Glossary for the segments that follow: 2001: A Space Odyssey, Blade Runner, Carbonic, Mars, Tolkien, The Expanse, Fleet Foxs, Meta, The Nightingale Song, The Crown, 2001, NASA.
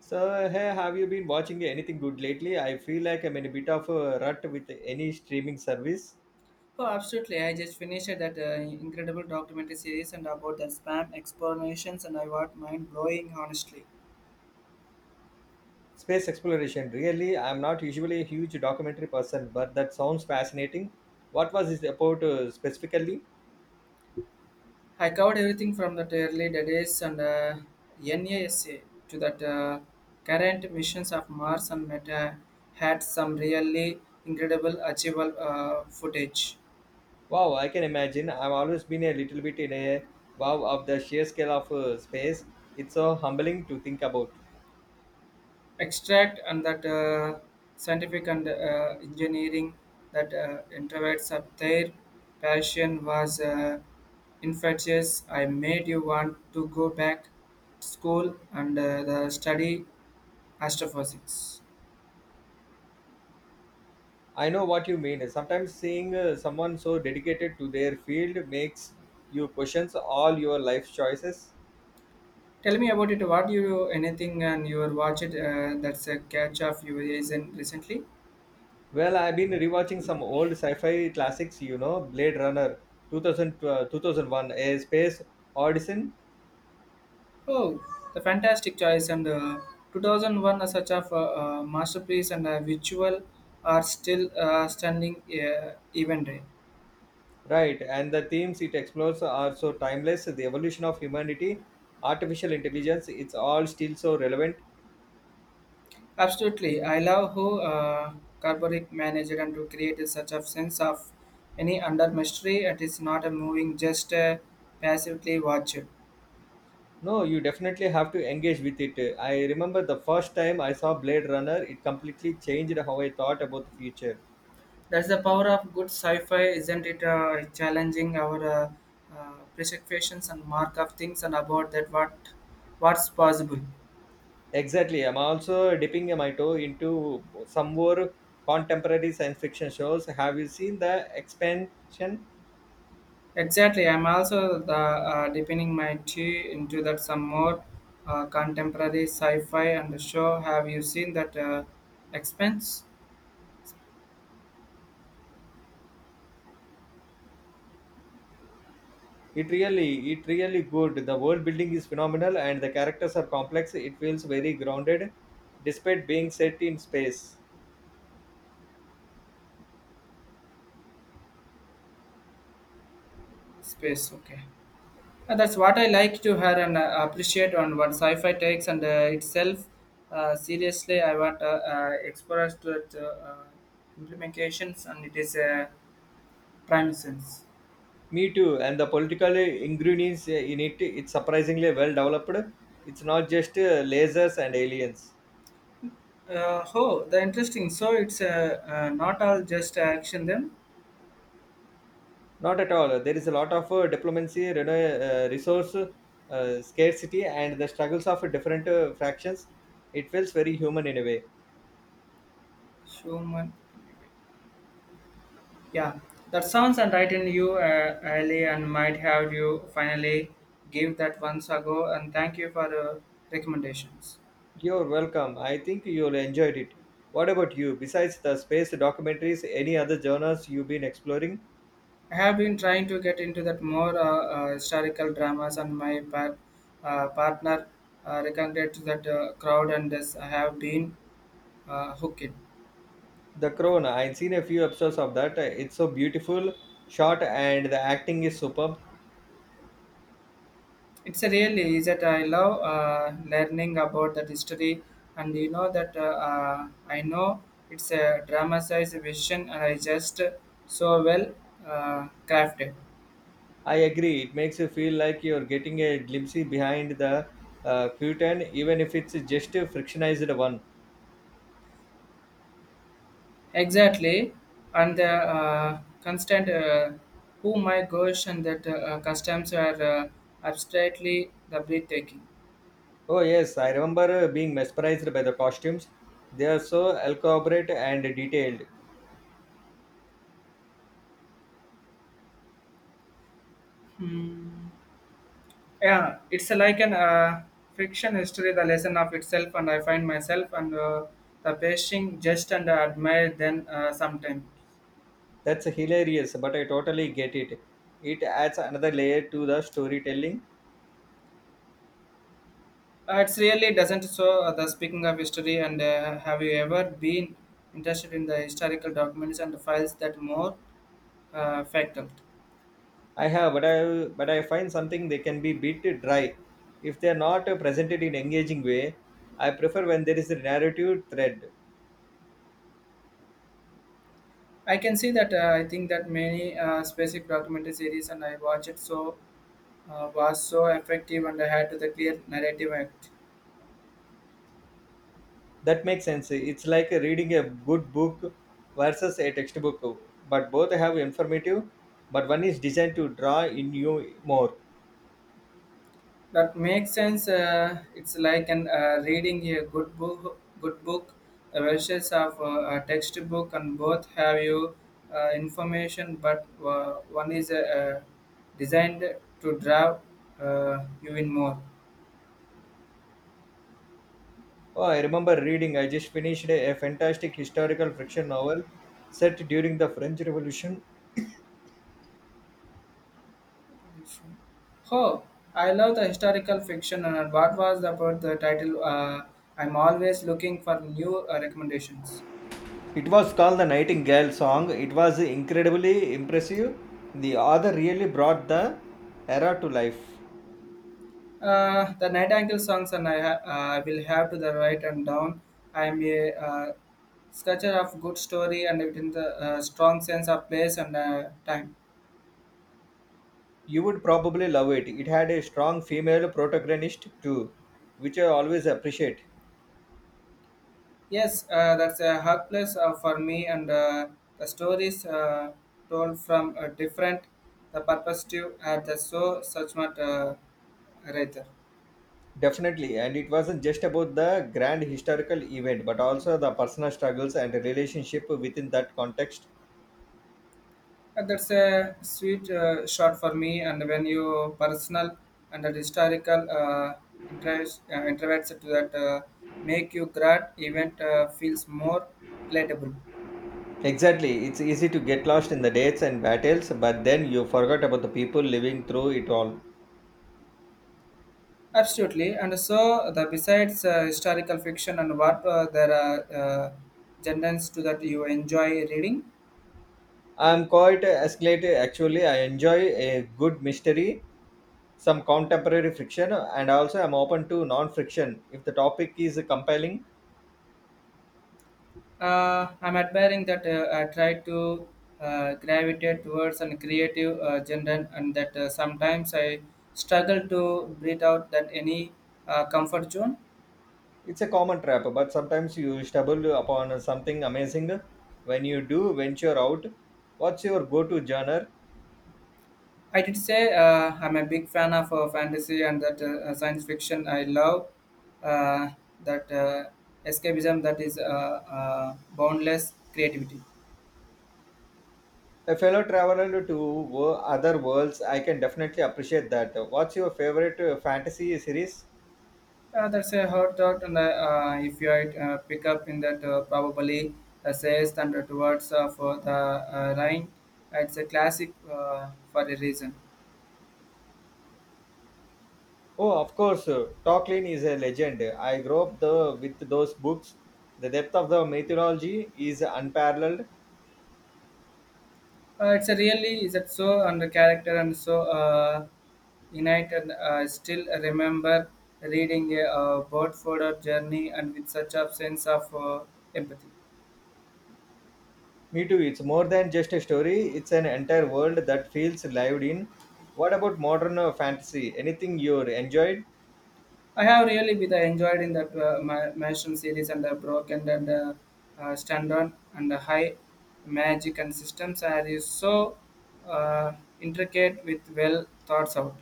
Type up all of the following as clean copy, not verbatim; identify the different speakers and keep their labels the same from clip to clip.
Speaker 1: So, hey, have you been watching anything good lately? I feel like I'm in a bit of a rut with any streaming service.
Speaker 2: Oh, absolutely. I just finished that incredible documentary series and about the spam explanations, and I was mind blowing, honestly.
Speaker 1: Space exploration, really. I'm not usually a huge documentary person, but that sounds fascinating. What was this about specifically?
Speaker 2: I covered everything from that early days and NASA to that current missions of Mars and Meta had some really incredible, achievable footage.
Speaker 1: Wow, I can imagine. I've always been a little bit in a wow of the sheer scale of space. It's so humbling to think about.
Speaker 2: Extract and that scientific and engineering that introverts of their passion was infectious. I made you want to go back to school and the study astrophysics.
Speaker 1: I know what you mean. Sometimes seeing someone so dedicated to their field makes you question all your life choices.
Speaker 2: Tell me about it. What you anything and you watch it? That's a catch of your recently.
Speaker 1: Well, I've been rewatching some old sci-fi classics, you know, Blade Runner 2000, 2001, A Space Odyssey,
Speaker 2: Oh, the fantastic choice! And 2001, such of a masterpiece and a visual are still standing even today.
Speaker 1: right? And the themes it explores are so timeless, the evolution of humanity, artificial intelligence, it's all still so relevant.
Speaker 2: Absolutely, I love how Carbonic managed and to create such a sense of any under mystery. It is not a moving, just passively watch it.
Speaker 1: No, you definitely have to engage with it. I remember the first time I saw Blade Runner, it completely changed how I thought about the future.
Speaker 2: That's the power of good sci-fi, isn't it? Challenging our prescriptions and mark of things and about that what's possible.
Speaker 1: Exactly. I'm also dipping my toe into some more contemporary science fiction shows. Have you seen the expansion?
Speaker 2: Exactly. I'm also the dipping my tea into that some more contemporary sci-fi and the show. Have you seen that expense
Speaker 1: It really good. The world building is phenomenal, and the characters are complex. It feels very grounded, despite being set in space.
Speaker 2: space? Okay, that's what I like to hear and appreciate on what sci-fi takes and itself seriously. I want explorers to it, implementations and it is a prime sense.
Speaker 1: Me too. And the political ingredients in it, it's surprisingly well developed. It's not just lasers and aliens.
Speaker 2: Oh, the interesting. So it's not all just action them
Speaker 1: Not at all. There is a lot of diplomacy, resource scarcity, and the struggles of different fractions. It feels very human in a way.
Speaker 2: human. Yeah, that sounds right you, Ali, and might have you finally give that once ago. And thank you for the recommendations.
Speaker 1: You're welcome. I think you'll enjoyed it. What about you? Besides the space documentaries, any other genres you've been exploring?
Speaker 2: I have been trying to get into that more historical dramas, and my partner recommended that crowd, and this I have been hooked.
Speaker 1: The Crown. I've seen a few episodes of that. It's so beautiful, shot, and the acting is superb.
Speaker 2: It's a really is that I love learning about that history, and you know that I know it's a dramatized vision, and I just so well crafted.
Speaker 1: I agree. It makes you feel like you're getting a glimpse behind the curtain, even if it's just a frictionized one.
Speaker 2: Exactly, and the constant. Oh my gosh, and that customs are abstractly the breathtaking.
Speaker 1: Oh yes, I remember being mesmerized by the costumes. They are so elaborate and detailed.
Speaker 2: Hmm. Yeah, it's like an fiction history the lesson of itself and I find myself and the pacing just and admire then sometime.
Speaker 1: That's hilarious, but I totally get it. It adds another layer to the storytelling.
Speaker 2: It's really doesn't so the speaking of history and have you ever been interested in the historical documents and files that more factual?
Speaker 1: I have, but I find something they can be bit dry if they are not presented in engaging way. I prefer when there is a narrative thread.
Speaker 2: I can see that I think that many specific documentary series and I watch it so was so effective and I had to the clear narrative act.
Speaker 1: That makes sense. It's like reading a good book versus a textbook, but both have informative. But one is designed to draw in you more.
Speaker 2: That makes sense. It's like an reading a good book versus of a textbook, and both have you information, but one is designed to draw you in more.
Speaker 1: Oh, I remember reading, I just finished a fantastic historical fiction novel set during the French Revolution.
Speaker 2: Oh, I love the historical fiction. And what was about the title? I'm always looking for new recommendations.
Speaker 1: It was called The Nightingale Song. It was incredibly impressive. The author really brought the era to life.
Speaker 2: The Night Angle songs, and I will have to the right and down. I am a sketcher of good story and within the strong sense of place and time.
Speaker 1: You would probably love it. It had a strong female protagonist too, which I always appreciate.
Speaker 2: Yes, that's a hard place for me, and the stories told from a different the perspective at the so such much writer.
Speaker 1: Definitely, and it wasn't just about the grand historical event, but also the personal struggles and relationship within that context.
Speaker 2: That's a sweet shot for me. And when you personal and that historical interest, interacts to that make you grad event feels more relatable.
Speaker 1: Exactly. It's easy to get lost in the dates and battles, but then you forgot about the people living through it all.
Speaker 2: Absolutely. And so the besides historical fiction and what there are genres to that you enjoy reading.
Speaker 1: I'm quite escalated actually. I enjoy a good mystery, some contemporary fiction, and also I'm open to non fiction. If the topic is compelling,
Speaker 2: I'm admiring that I try to gravitate towards a creative genre, and that sometimes I struggle to breathe out that any comfort zone.
Speaker 1: it's a common trap, but sometimes you stumble upon something amazing when you do venture out. What's your go to genre?
Speaker 2: I did say I'm a big fan of fantasy and that science fiction. I love uh, that escapism that is boundless creativity.
Speaker 1: A fellow traveler to other worlds, I can definitely appreciate that. What's your favorite fantasy series?
Speaker 2: That's a hard thought, and if you pick up in that probably says thunder towards for the Rhine, it's a classic for a reason.
Speaker 1: Oh, of course, Tolkien is a legend. I grew up with those books. The depth of the mythology is unparalleled.
Speaker 2: It's a really is it so and the character and so innate and still remember reading a Bedford journey and with such a sense of empathy.
Speaker 1: Me too, it's more than just a story, it's an entire world that feels lived in. What about modern fantasy? Anything you enjoyed?
Speaker 2: I have really been enjoyed in that Maelstrom series and Broken and Standard and High Magic and Systems are is so uh, intricate with well thoughts out.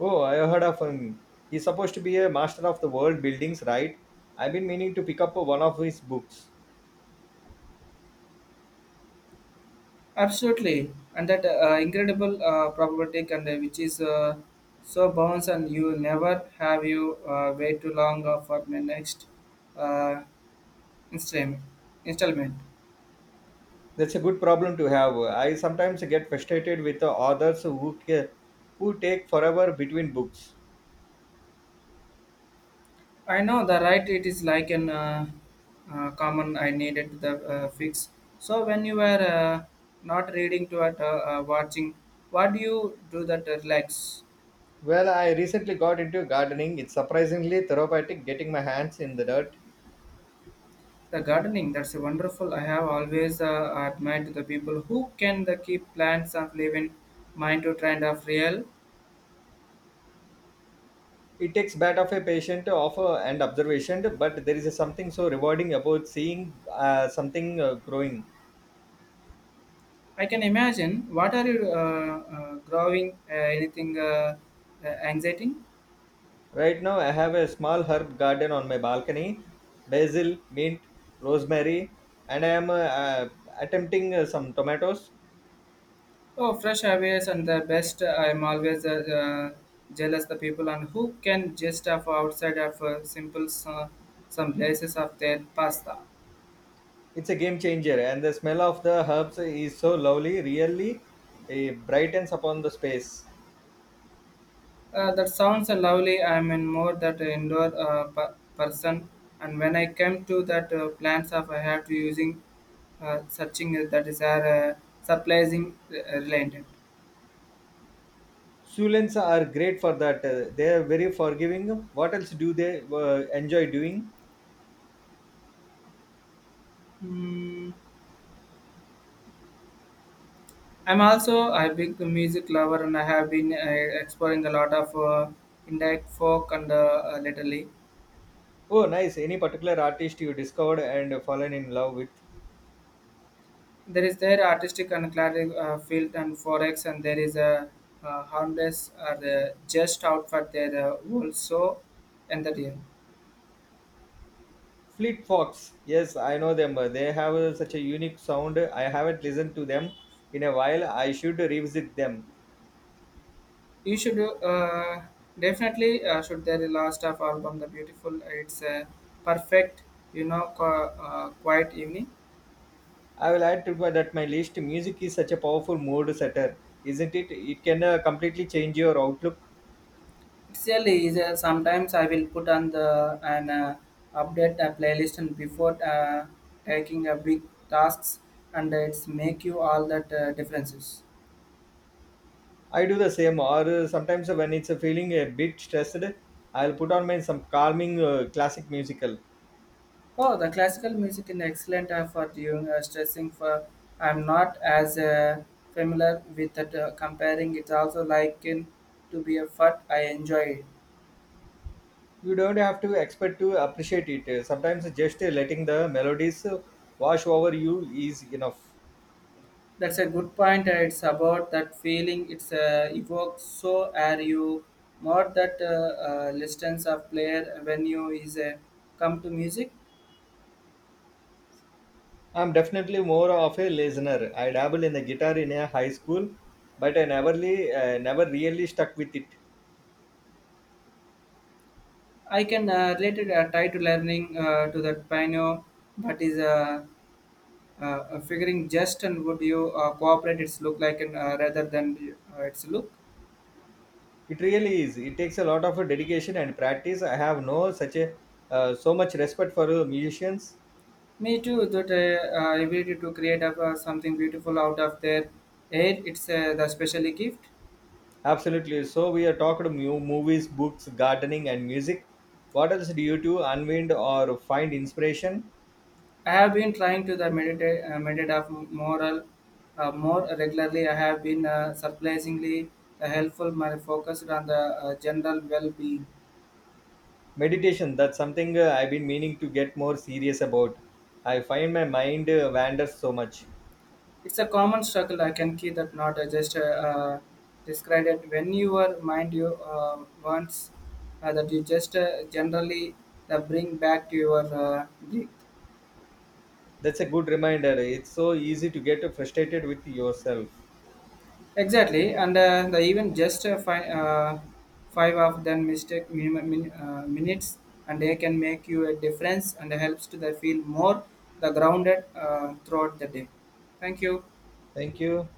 Speaker 1: Oh, I heard of him. He's supposed to be a master of the world buildings, right? I've been meaning to pick up one of his books.
Speaker 2: Absolutely, and that incredible probability and which is so bounce and you never have you wait too long for the next uh, installment. installment.
Speaker 1: That's a good problem to have. I sometimes get frustrated with the authors who take forever between books.
Speaker 2: I know the right. It is like an common. I needed the fix. So when you were not reading to it, watching, what do you do that relax?
Speaker 1: Well, I recently got into gardening. It's surprisingly therapeutic getting my hands in the dirt.
Speaker 2: The gardening. That's wonderful. I have always admired the people who can the keep plants of living mind to trend of real.
Speaker 1: It takes bit of a patient offer and observation, but there is something so rewarding about seeing something growing.
Speaker 2: I can imagine. What are you growing? Anything anxiety?
Speaker 1: Right now, I have a small herb garden on my balcony basil, mint, rosemary, and I am attempting some tomatoes.
Speaker 2: Oh, fresh ideas and the best. I'm always jealous the people and who can just have outside of simple some places of their pasta.
Speaker 1: It's a game changer, and the smell of the herbs is so lovely, really brightens upon the space.
Speaker 2: That sounds lovely. I'm in more that indoor person, and when I came to that plants of I have to using searching that is our surprising related.
Speaker 1: Sullens are great for that. They are very forgiving. What else do they enjoy doing?
Speaker 2: Hmm. I'm also a big music lover and I have been exploring a lot of indie folk and lately.
Speaker 1: Oh, nice. Any particular artist you discovered and fallen in love with?
Speaker 2: There is their artistic and clarity field and forex and there is a harmless are just out for their world so entertaining.
Speaker 1: Fleet Fox. Yes, I know them. They have such a unique sound. I haven't listened to them in a while. I should revisit them.
Speaker 2: You should definitely should their last of album the beautiful it's a perfect quiet evening.
Speaker 1: I will add to my- that my list. Music is such a powerful mood setter, isn't it? It can completely change your outlook.
Speaker 2: Actually, is sometimes I will put on the an update a playlist and before taking a big tasks and it's make you all that differences.
Speaker 1: I do the same, or sometimes when it's a feeling a bit stressed, I'll put on my some calming classic musical.
Speaker 2: Oh, the classical music is excellent for doing stressing. For I'm not as familiar with that comparing. It's also like in to be a fun. I enjoy it.
Speaker 1: You don't have to expect to appreciate it. Sometimes just letting the melodies wash over you is enough.
Speaker 2: That's a good point. It's about that feeling it's evokes. So are you more that listens of player when you is come to music?
Speaker 1: I'm definitely more of a listener. I dabble in the guitar in a high school, but I never, really- never really stuck with it.
Speaker 2: I can relate it try to learning to that piano, but is figuring just and would you cooperate its look like and rather than its look.
Speaker 1: It really is. It takes a lot of dedication and practice. I have no such a so much respect for musicians.
Speaker 2: Me too. That ability to create up, something beautiful out of their air. It's the special gift.
Speaker 1: Absolutely. So we have talked movies, books, gardening, and music. What else do you do? Unwind or find inspiration?
Speaker 2: I have been trying to the meditate of moral more regularly. I have been surprisingly helpful. My focused on the general well-being.
Speaker 1: Meditation. That's something I've been meaning to get more serious about. I find my mind wanders so much.
Speaker 2: It's a common struggle. I can see that not just describe it. When you are mind you once that you just generally bring back to your breath.
Speaker 1: That's a good reminder. It's so easy to get frustrated with yourself.
Speaker 2: Exactly, and the even just five of them mistake minimum minutes, and they can make you a difference and helps to the feel more the grounded throughout the day. Thank you.
Speaker 1: Thank you.